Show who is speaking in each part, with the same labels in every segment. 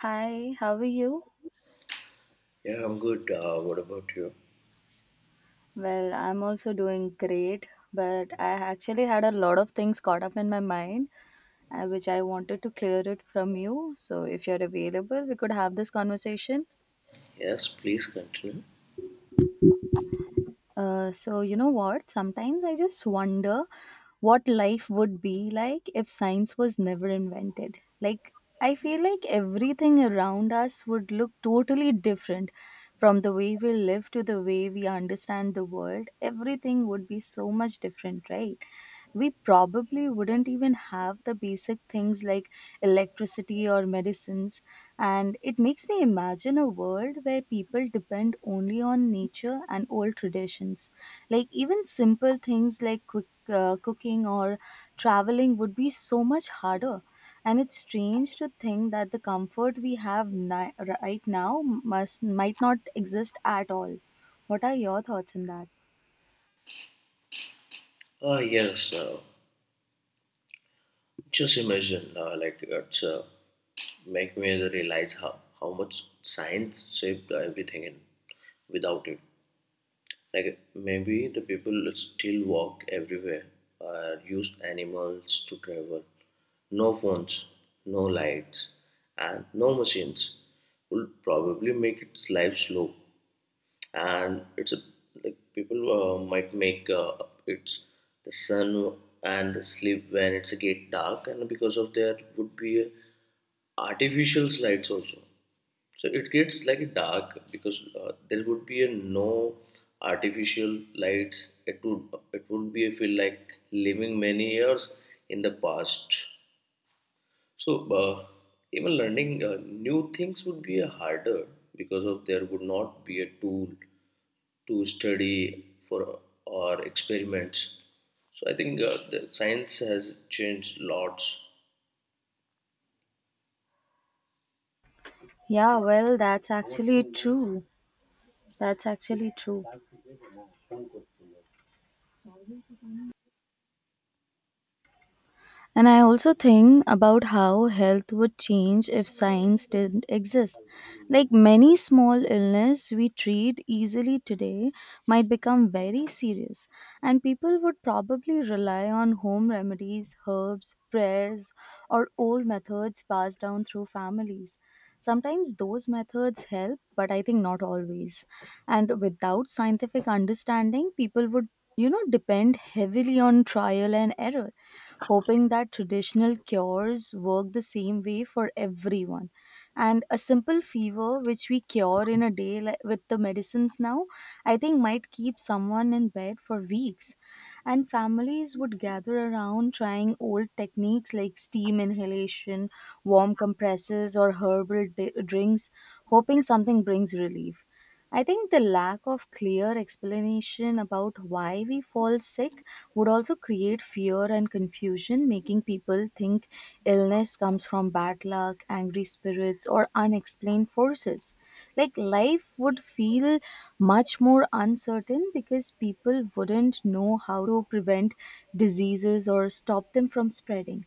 Speaker 1: Hi, how are you?
Speaker 2: Yeah, I'm good. What about you?
Speaker 1: Well, I'm also doing great, but I actually had a lot of things caught up in my mind, which I wanted to clear it from you. So, if you're available, we could have this conversation.
Speaker 2: Yes, please continue.
Speaker 1: So you know what? Sometimes I just wonder what life would be like if science was never invented. Like I feel like everything around us would look totally different from the way we live to the way we understand the world. Everything would be so much different, right? We probably wouldn't even have the basic things like electricity or medicines, and it makes me imagine a world where people depend only on nature and old traditions. Like, even simple things like quick, cooking or traveling would be so much harder. And it's strange to think that the comfort we have right now must might not exist at all. What are your thoughts on that?
Speaker 2: Uh, yes, uh, just imagine, like, it's make me realize how much science shaped everything in, without it. Like, maybe the people still walked everywhere, used animals to travel. No phones, no lights, and no machines would probably make its life slow. and it's a, like people might make it's the sun and the sleep when it's a get dark and because of there would be artificial lights also, so it gets like dark because there would be a no artificial lights. It would, it would be a feel like living many years in the past. So uh, even learning new things would be harder because of there would not be a tool to study for our experiments. So I think the science has changed lots.
Speaker 1: Yeah, well, that's actually true. That's actually true. And I also think about how health would change if science didn't exist. Like, many small illness we treat easily today might become very serious, and people would probably rely on home remedies, herbs, prayers, or old methods passed down through families. Sometimes those methods help, but I think not always. And without scientific understanding, people would, depend heavily on trial and error, hoping that traditional cures work the same way for everyone. And a simple fever, which we cure in a day with the medicines now, I think might keep someone in bed for weeks. And families would gather around trying old techniques like steam inhalation, warm compresses, or herbal drinks, hoping something brings relief. I think the lack of clear explanation about why we fall sick would also create fear and confusion, making people think illness comes from bad luck, angry spirits, or unexplained forces. Like, life would feel much more uncertain because people wouldn't know how to prevent diseases or stop them from spreading.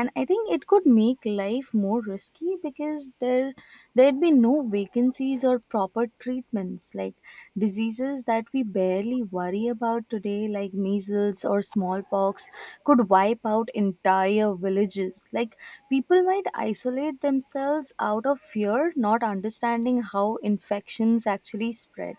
Speaker 1: And I think it could make life more risky because there'd be no vacancies or proper treatments. Like, diseases that we barely worry about today, like measles or smallpox, could wipe out entire villages. Like, people might isolate themselves out of fear, not understanding how infections actually spread.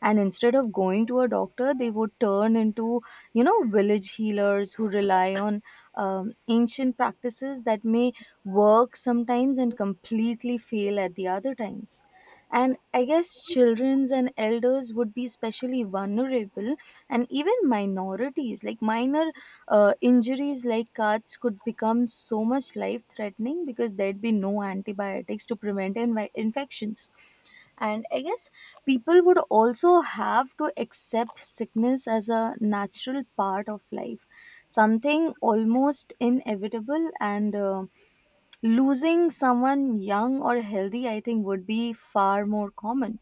Speaker 1: And instead of going to a doctor, they would turn into, you know, village healers who rely on ancient practices that may work sometimes and completely fail at the other times. And I guess children's and elders would be especially vulnerable, and even minorities, like minor injuries like cuts, could become so much life threatening because there'd be no antibiotics to prevent infections. And I guess people would also have to accept sickness as a natural part of life, something almost inevitable. And losing someone young or healthy, I think, would be far more common,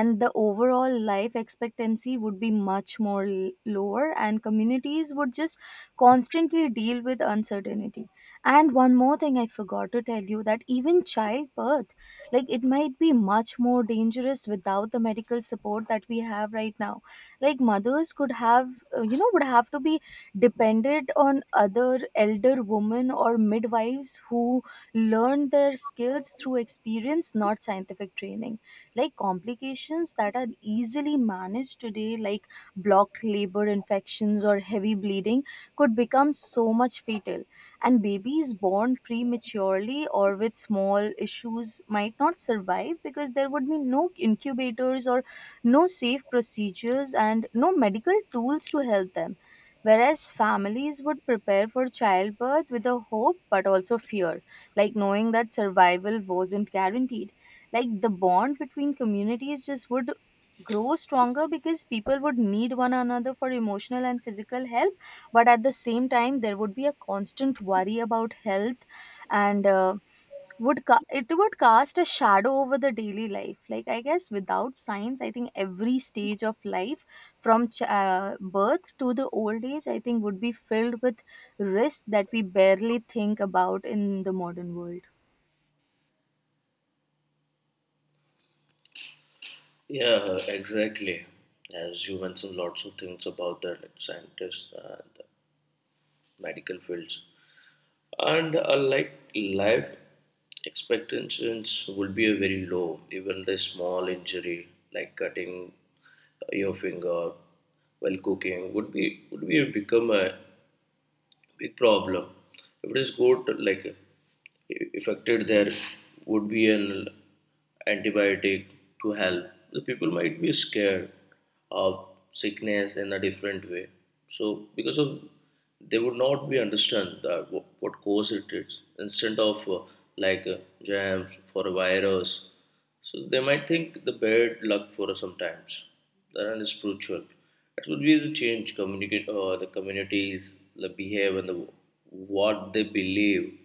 Speaker 1: and the overall life expectancy would be much lower, and communities would just constantly deal with uncertainty. And one more thing I forgot to tell you, that even childbirth, like, it might be much more dangerous without the medical support that we have right now. Like, mothers could have, would have to be dependent on other elder women or midwives who learn their skills through experience, not scientific training. Like, complications that are easily managed today, like blocked labor, infections, or heavy bleeding, could become so much fatal. And babies born prematurely or with small issues might not survive because there would be no incubators or no safe procedures and no medical tools to help them. Whereas families would prepare for childbirth with a hope but also fear, like knowing that survival wasn't guaranteed. Like, the bond between communities just would grow stronger because people would need one another for emotional and physical help, but at the same time there would be a constant worry about health. And it would cast a shadow over the daily life. Like, I guess without science, I think every stage of life, from birth to the old age, I think would be filled with risks that we barely think about in the modern world.
Speaker 2: Yeah, exactly. As you mentioned, lots of things about the like, scientists, the medical fields, and like life expectations would be a very low. Even the small injury, like cutting your finger while cooking, would be, would be become a big problem. If it is got like affected, there would be an antibiotic to help. The people might be scared of sickness in a different way. So because of they would not be understand that what cause it is, instead of like uh, jams for a virus, so they might think the bad luck for us sometimes. That one is spiritual. It would be the change communicate the communities, the behave, and the what they believe.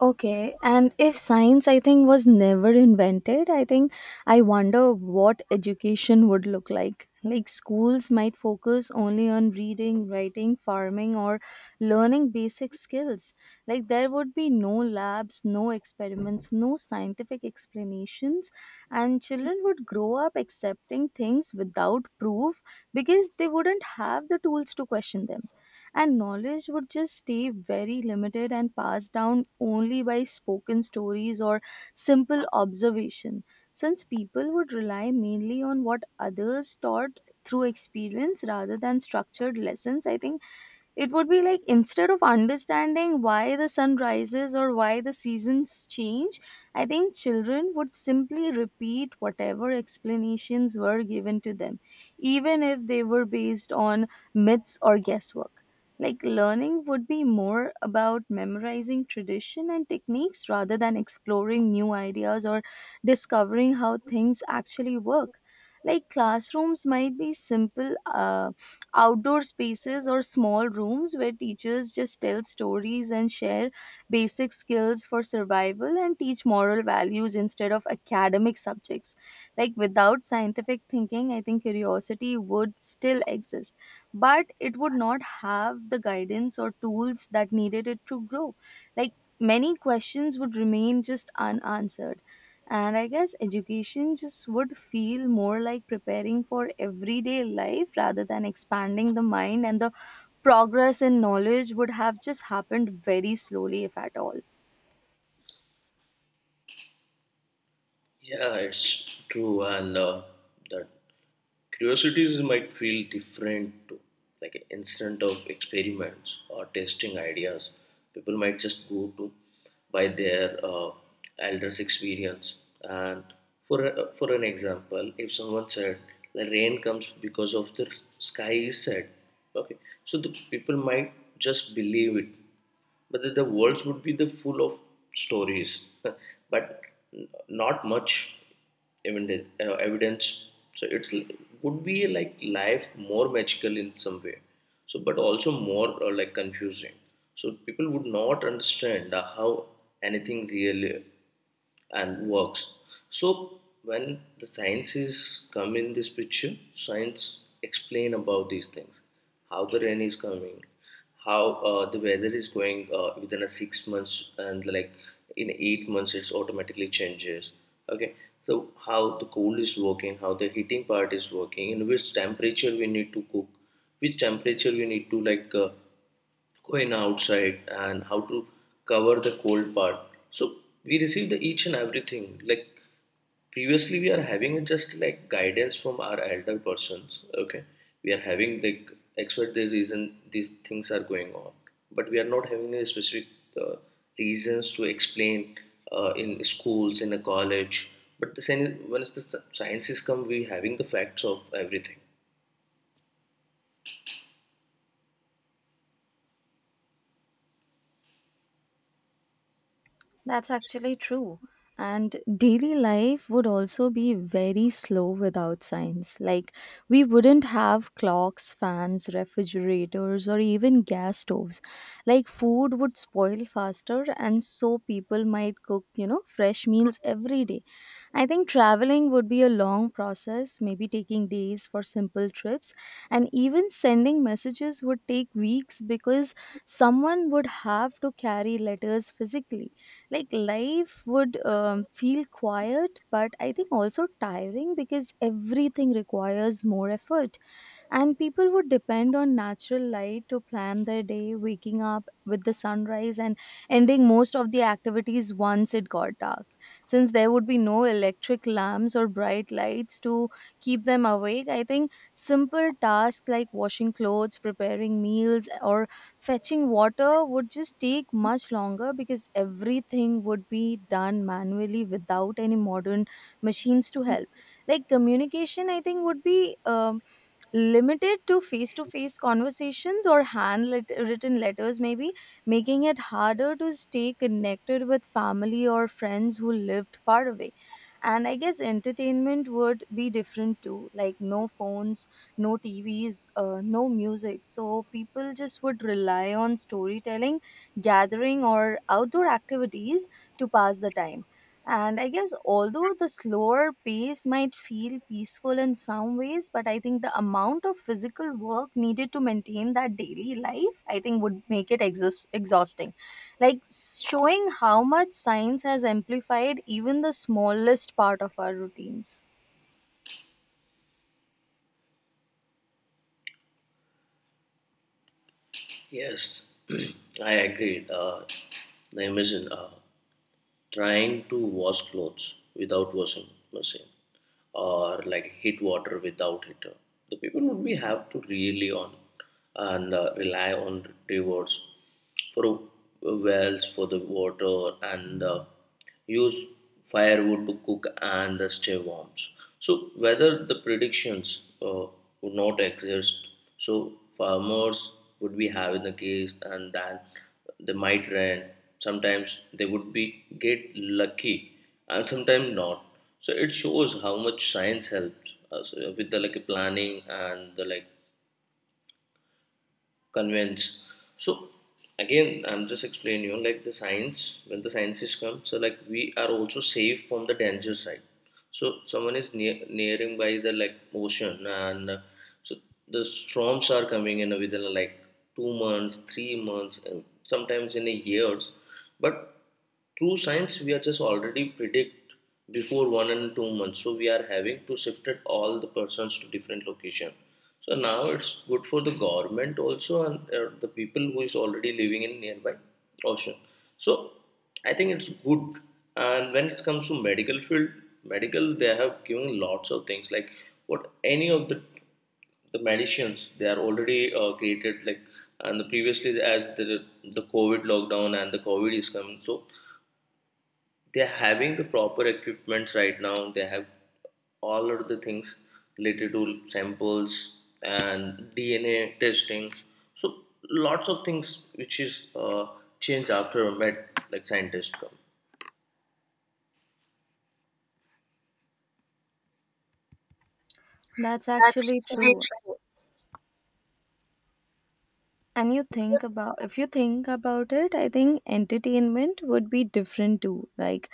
Speaker 1: Okay, and if science, I think, was never invented, I think I wonder what education would look like. Like, schools might focus only on reading, writing, farming, or learning basic skills. Like, there would be no labs, no experiments, no scientific explanations, and children would grow up accepting things without proof because they wouldn't have the tools to question them. And knowledge would just stay very limited and passed down only by spoken stories or simple observation, since people would rely mainly on what others taught through experience rather than structured lessons. I think it would be like, instead of understanding why the sun rises or why the seasons change, I think children would simply repeat whatever explanations were given to them, even if they were based on myths or guesswork. Like, learning would be more about memorizing tradition and techniques rather than exploring new ideas or discovering how things actually work. Like, classrooms might be simple. Outdoor spaces or small rooms where teachers just tell stories and share basic skills for survival and teach moral values instead of academic subjects. Like, without scientific thinking, I think curiosity would still exist, but it would not have the guidance or tools that needed it to grow. Like, many questions would remain just unanswered, and I guess education just would feel more like preparing for everyday life rather than expanding the mind, and the progress in knowledge would have just happened very slowly, if at all.
Speaker 2: Yeah, it's true. And uh, that curiosities might feel different too, like an instant of experiments or testing ideas. People might just go to by their elders' experience. And for an example, if someone said the rain comes because of the sky is sad, okay, so the people might just believe it, but the worlds would be the full of stories, but not much evidence, evidence. So it's would be like life more magical in some way. So but also more like confusing. So people would not understand how anything really and works. So when the sciences come in this picture, science explain about these things, how the rain is coming, how the weather is going within a 6 months, and like in 8 months it's automatically changes. Okay, so how the cold is working, how the heating part is working, in which temperature we need to cook, which temperature we need to like go in outside, and how to cover the cold part. So we receive the each and everything. Like previously we are having just like guidance from our elder persons. Okay, we are having like expert the reason these things are going on, but we are not having a specific uh, reasons to explain in schools in a college. But the same, once the sciences come, we having the facts of everything.
Speaker 1: That's actually true. And daily life would also be very slow without science. Like, we wouldn't have clocks, fans, refrigerators, or even gas stoves. Like, food would spoil faster, and so people might cook, you know, fresh meals every day. I think traveling would be a long process, maybe taking days for simple trips. And even sending messages would take weeks because someone would have to carry letters physically. Like, life would, feel quiet, but I think also tiring because everything requires more effort. And people would depend on natural light to plan their day, waking up with the sunrise and ending most of the activities once it got dark. Since there would be no electric lamps or bright lights to keep them awake, I think simple tasks like washing clothes, preparing meals, or fetching water would just take much longer because everything would be done manually without any modern machines to help. Like, communication, I think, would be. Limited to face conversations or hand written letters, maybe making it harder to stay connected with family or friends who lived far away. And I guess entertainment would be different too, like, no phones, no TVs, no music. So people just would rely on storytelling, gathering, or outdoor activities to pass the time. And I guess although the slower pace might feel peaceful in some ways, but I think the amount of physical work needed to maintain that daily life, I think, would make it exhausting. Like showing how much science has amplified even the smallest part of our routines.
Speaker 2: Yes, I agree. I imagine trying to wash clothes without washing machine, or like heat water without heater. The people would be have to really on, and rely on rivers for wells for the water, and use firewood to cook and they stay warm. So whether the predictions would not exist, so farmers would be having the case and then they might rain. Sometimes they would be get lucky, and sometimes not. So it shows how much science helps us with the like planning and the like convince. So again, I'm just explaining you like the science when the scientists come, so like we are also safe from the danger side. So someone is nearing by the like ocean, and so the storms are coming in within like 2 months, 3 months, and sometimes in a years, but through science we are just already predict before 1 and 2 months, so we are having to shifted all the persons to different location. So now it's good for the government also, and the people who is already living in nearby ocean. So I think it's good. And when it comes to medical field, medical they have given lots of things like what any of the medicines they are already created like. And the previously as the COVID lockdown and the COVID is coming, so they're having the proper equipments. Right now they have all of the things related to samples and DNA testing. So lots of things which is changed after med, like scientists come.
Speaker 1: That's actually true. And you think about if you think about it, I think entertainment would be different too, like,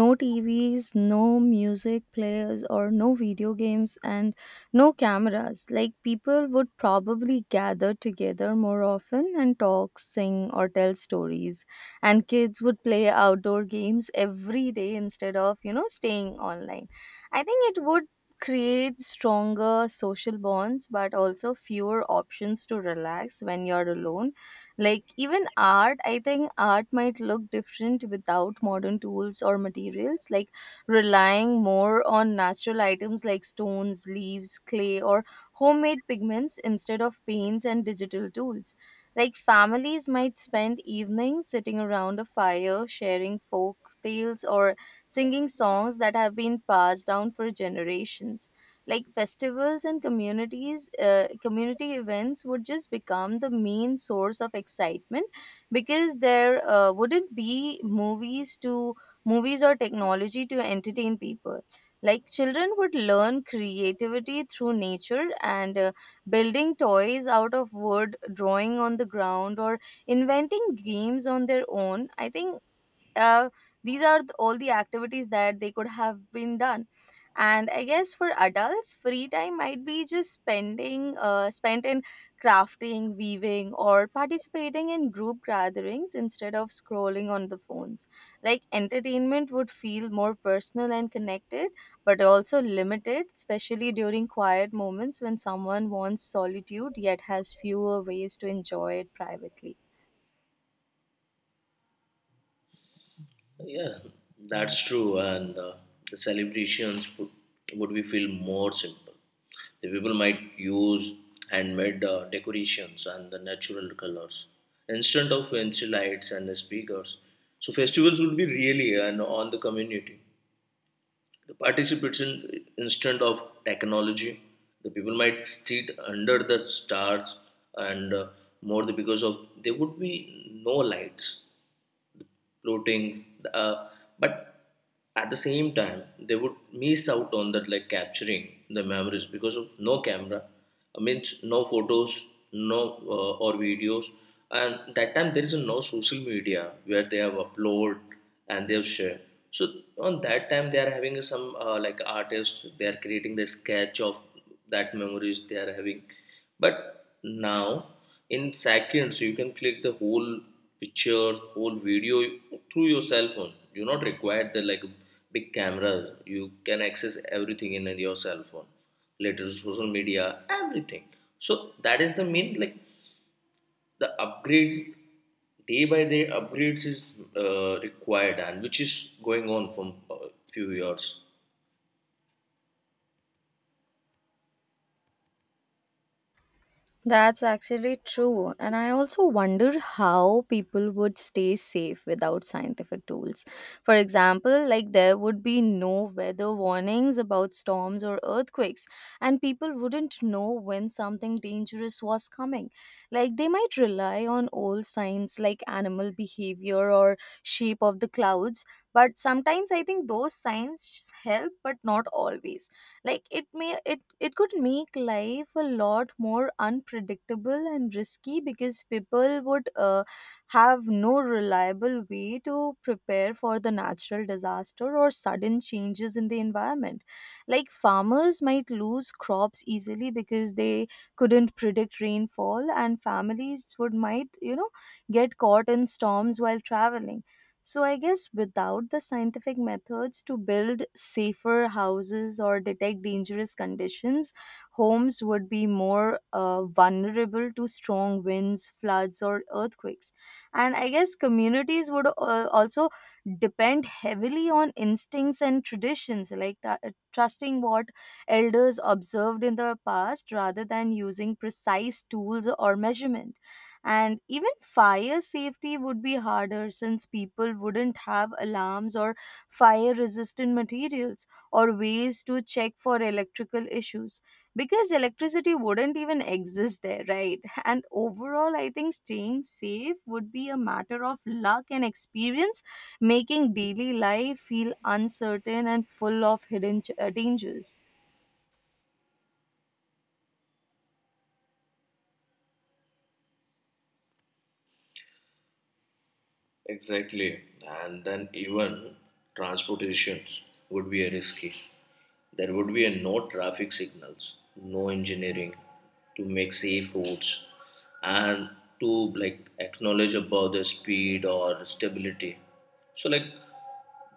Speaker 1: no TVs, no music players, or no video games, and no cameras. Like, people would probably gather together more often and talk, sing, or tell stories, and kids would play outdoor games every day instead of, you know, staying online. I think it would create stronger social bonds but also fewer options to relax when you're alone. Like, even art, I think art might look different without modern tools or materials, like relying more on natural items like stones, leaves, clay, or homemade pigments instead of paints and digital tools. Like, families might spend evenings sitting around a fire sharing folk tales or singing songs that have been passed down for generations. Like, festivals and communities, community events would just become the main source of excitement because there wouldn't be movies or technology to entertain people. Like, children would learn creativity through nature, and building toys out of wood, drawing on the ground, or inventing games on their own. I think uh, all the activities that they could have been done. And I guess for adults, free time might be just spending spent in crafting, weaving, or participating in group gatherings instead of scrolling on the phones. Like, entertainment would feel more personal and connected, but also limited, especially during quiet moments when someone wants solitude yet has fewer ways to enjoy it privately.
Speaker 2: Yeah, that's true. And the celebrations would be feel more simple. The people might use handmade decorations and the natural colors instead of fancy lights and the speakers. So festivals would be really and on the community. The participants in, instead of technology, the people might sit under the stars, and more the because of there would be no lights floatings, uh, but at the same time they would miss out on that like capturing the memories because of no camera, I mean no photos, no or videos. And that time there is no social media where they have upload and they have share. So on that time they are having some like artists, they are creating the sketch of that memories they are having. But now in seconds you can click the whole picture, whole video through your cell phone. You not require the like big cameras. You can access everything in your cell phone, later social media everything. So that is the main like the upgrades, day by day upgrades is required, and which is going on from few years.
Speaker 1: That's actually true. And I also wonder how people would stay safe without scientific tools. For example, like there would be no weather warnings about storms or earthquakes, and people wouldn't know when something dangerous was coming. Like they might rely on old signs like animal behavior or shape of the clouds, but sometimes I think those signs help, but not always like it it could make life a lot more unpredictable and risky because people would have no reliable way to prepare for the natural disaster or sudden changes in the environment like farmers might lose crops easily because they couldn't predict rainfall and families would might you know get caught in storms while traveling. So I guess without the scientific methods to build safer houses or detect dangerous conditions, homes would be more vulnerable to strong winds, floods, or earthquakes. And I guess communities would also depend heavily on instincts and traditions, like trusting what elders observed in the past rather than using precise tools or measurements. And even fire safety would be harder since people wouldn't have alarms or fire resistant materials or ways to check for electrical issues because electricity wouldn't even exist there, right? And overall, I think staying safe would be a matter of luck and experience, making daily life feel uncertain and full of hidden dangers.
Speaker 2: Exactly. And then even transportations would be a risky. There would be a no traffic signals, no engineering to make safe roads, and to like acknowledge about the speed or stability. So like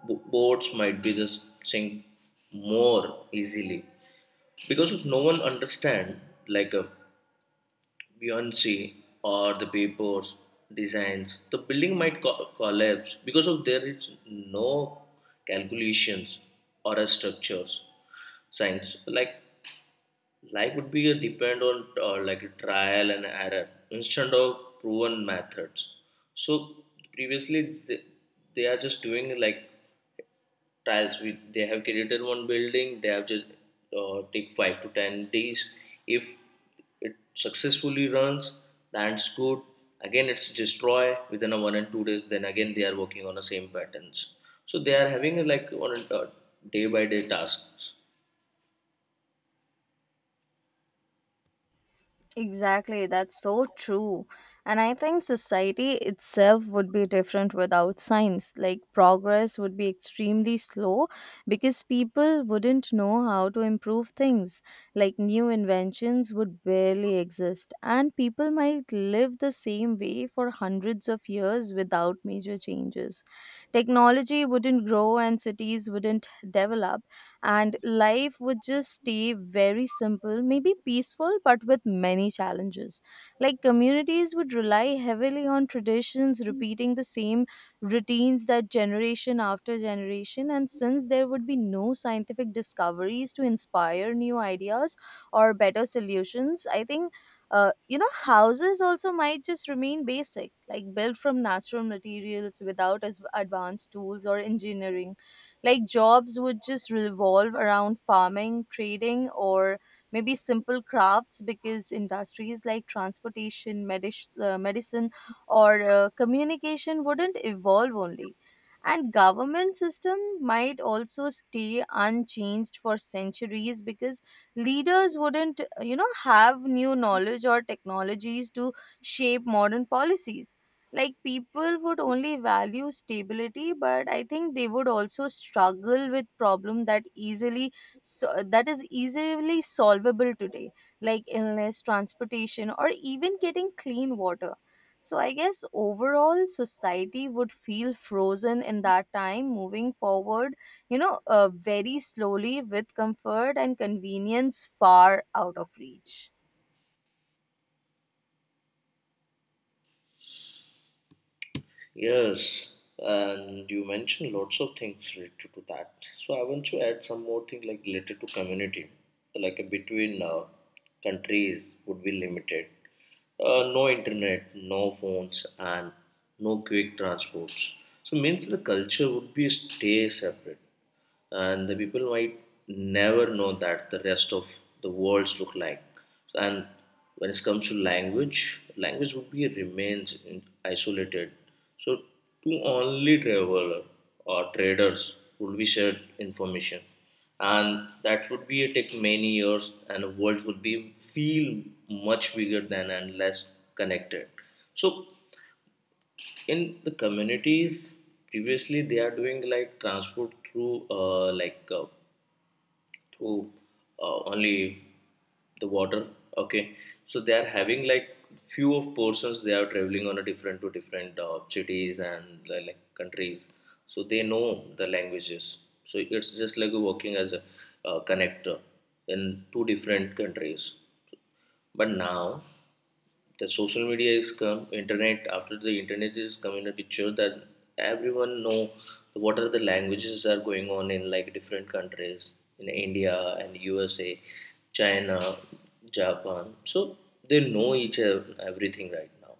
Speaker 2: boats might be the sink more easily, because if no one understand like a Beyonce or the Billboard's designs, the building might collapse because of there is no calculations or a structures science. Like life would be a depend on like a trial and error instead of proven methods. So previously they are just doing like trials. We they have created one building, they have just take 5 to 10 days. If it successfully runs, that's good. Again it's destroy within a 1 and 2 days, then again they are working on the same patterns. So they are having like on a day by day tasks.
Speaker 1: Exactly, that's so true. And I think society itself would be different without science. Like, progress would be extremely slow because people wouldn't know how to improve things. Like, new inventions would barely exist, and people might live the same way for hundreds of years without major changes. Technology wouldn't grow, and cities wouldn't develop and life would just stay very simple, maybe peaceful, but with many challenges. Like communities would rely heavily on traditions, repeating the same routines that generation after generation. And since there would be no scientific discoveries to inspire new ideas or better solutions, I think houses also might just remain basic, like built from natural materials without as advanced tools or engineering. Like jobs would just revolve around farming, trading, or maybe simple crafts because industries like transportation, medicine, or communication wouldn't evolve only. And government system might also stay unchanged for centuries because leaders wouldn't, you know, have new knowledge or technologies to shape modern policies. Like people would only value stability, but I think they would also struggle with problem that easily so, that is easily solvable today, like illness, transportation, or even getting clean water. So I guess overall society would feel frozen in that time, moving forward, very slowly with comfort and convenience far out of reach.
Speaker 2: Yes, and you mentioned lots of things related to that. So I want to add some more thing like related to community, like between countries would be limited. No internet, no phones, and no quick transports. So means the culture would be stay separate, and the people might never know that the rest of the worlds look like. And when it comes to language, would be remains in, isolated. So to only traveler or traders would be shared information, and that would be it take many years, and the world would be feel much bigger than, and less connected. So in the communities, previously they are doing like transport through who only the water. Okay, so they are having like few of persons they are traveling on a different to different cities and like countries. So they know the languages, so it's just like working as a connector in two different countries. But now the social media is come, internet, after the internet is come in a picture, that everyone know what are the languages are going on in like different countries, in India and USA, China, Japan. So they know each everything right now.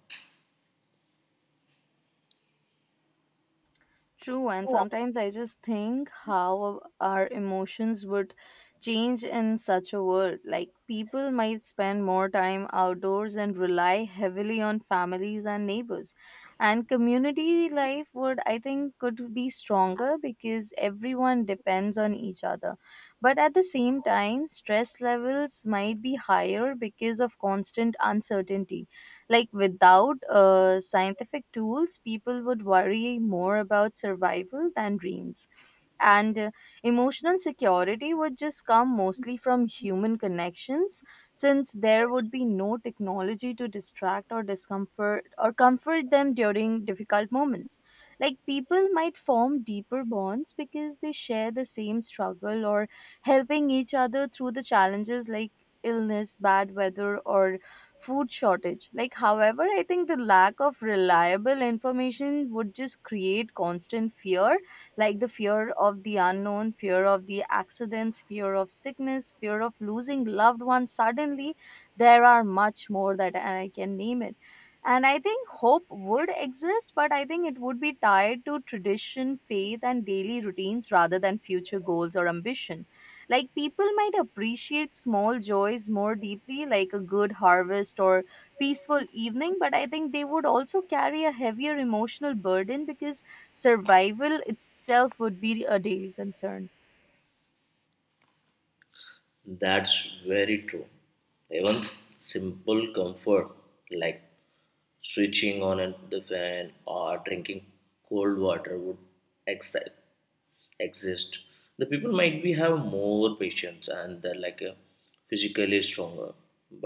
Speaker 1: True, and sometimes I just think how our emotions would change in such a world. Like, people might spend more time outdoors and rely heavily on families and neighbors. And community life would, I think, could be stronger because everyone depends on each other. But at the same time, stress levels might be higher because of constant uncertainty. Like without scientific tools, people would worry more about survival than dreams. And emotional security would just come mostly from human connections, since there would be no technology to distract or discomfort or comfort them during difficult moments. Like people might form deeper bonds because they share the same struggle or helping each other through the challenges like illness, bad weather, or food shortage. Like, however, I think the lack of reliable information would just create constant fear, like the fear of the unknown, fear of the accidents, fear of sickness, fear of losing loved ones suddenly. There are much more that I can name it. And I think hope would exist, but I think it would be tied to tradition, faith, and daily routines rather than future goals or ambition like people might appreciate small joys more deeply, like a good harvest or peaceful evening, but I think they would also carry a heavier emotional burden because survival itself would be a daily concern.
Speaker 2: That's very true. Even simple comfort like switching on the fan or drinking cold water would excite exist. The people might be have more patience and they're like physically stronger,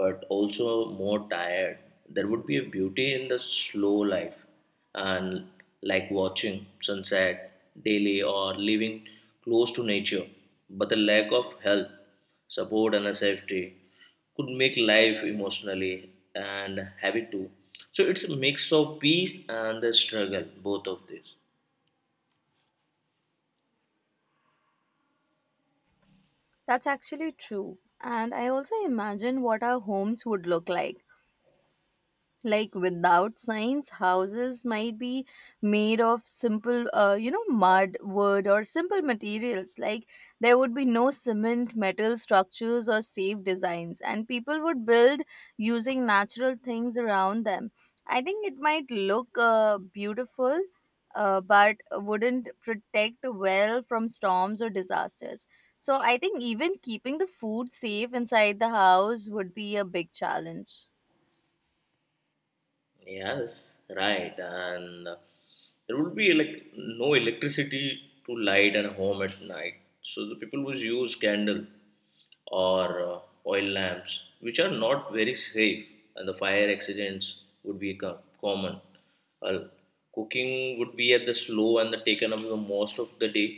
Speaker 2: but also more tired. There would be a beauty in the slow life, and like watching sunset daily or living close to nature. But the lack of health support and a safety could make life emotionally and heavy too. So it's a mix of peace and the struggle, both of these.
Speaker 1: That's actually true. And I also imagine what our homes would look like. Like without science houses might be made of simple mud wood or simple materials like there would be no cement metal structures or safe designs and people would build using natural things around them. I think it might look beautiful, but wouldn't protect well from storms or disasters. So I think even keeping the food safe inside the house would be a big challenge.
Speaker 2: Yes, right. And there would be like no electricity to light and home at night. So the people would use candle or oil lamps, which are not very safe, and the fire accidents would be common. Uh, Cooking would be at the slow and the taken up the most of the day.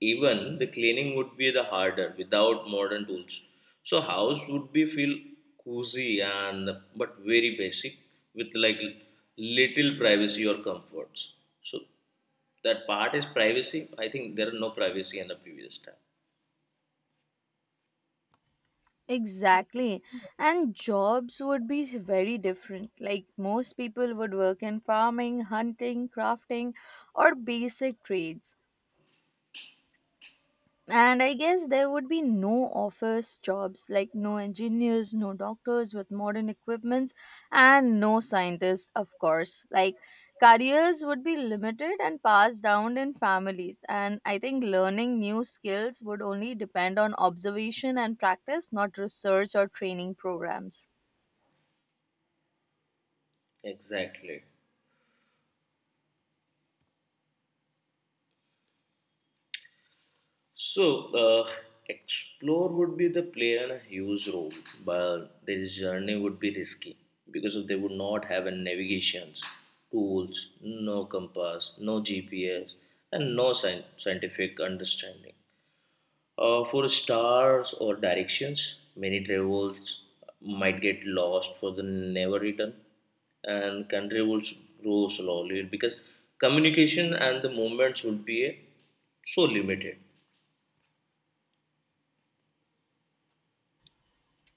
Speaker 2: Even the cleaning would be the harder without modern tools. So house would be feel cozy and but very basic with like little privacy or comforts. So that part is privacy. I think there are no privacy in the previous time.
Speaker 1: Exactly. And jobs would be very different. Like most people would work in farming, hunting, crafting, or basic trades. And I guess there would be no office jobs, like no engineers, no doctors with modern equipments, and no scientists, of course. Like careers would be limited and passed down in families. And I think learning new skills would only depend on observation and practice, not research or training programs.
Speaker 2: Exactly. So, explore would be the play and a huge role, but their journey would be risky because of they would not have a navigations tools, no compass, no GPS, and no scientific understanding. For stars or directions, many travels might get lost for the never return, and country will grow slowly because communication and the movements would be so limited.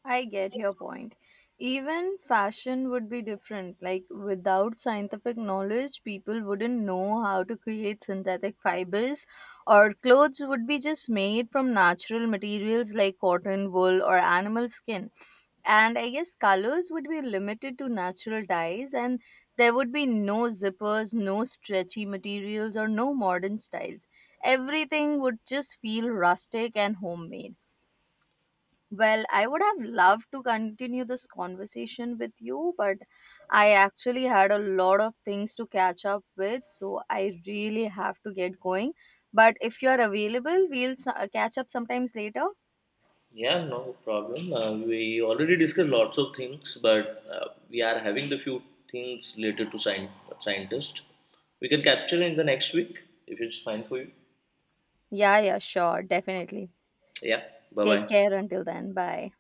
Speaker 1: I get your point. Even fashion would be different. Like, without scientific knowledge, people wouldn't know how to create synthetic fibers, or clothes would be just made from natural materials like cotton, wool, or animal skin. And I guess colors would be limited to natural dyes, and there would be no zippers, no stretchy materials, or no modern styles. Everything would just feel rustic and homemade. Well, I would have loved to continue this conversation with you, but I actually had a lot of things to catch up with, so I really have to get going. But if you're available, we'll catch up sometimes later.
Speaker 2: Yeah, no problem. We already discussed lots of things, but we are having the few things related to scientists. We can capture in the next week if it's fine for you.
Speaker 1: Yeah, yeah, sure, definitely.
Speaker 2: Yeah, bye
Speaker 1: Take
Speaker 2: bye.
Speaker 1: care until then. Bye.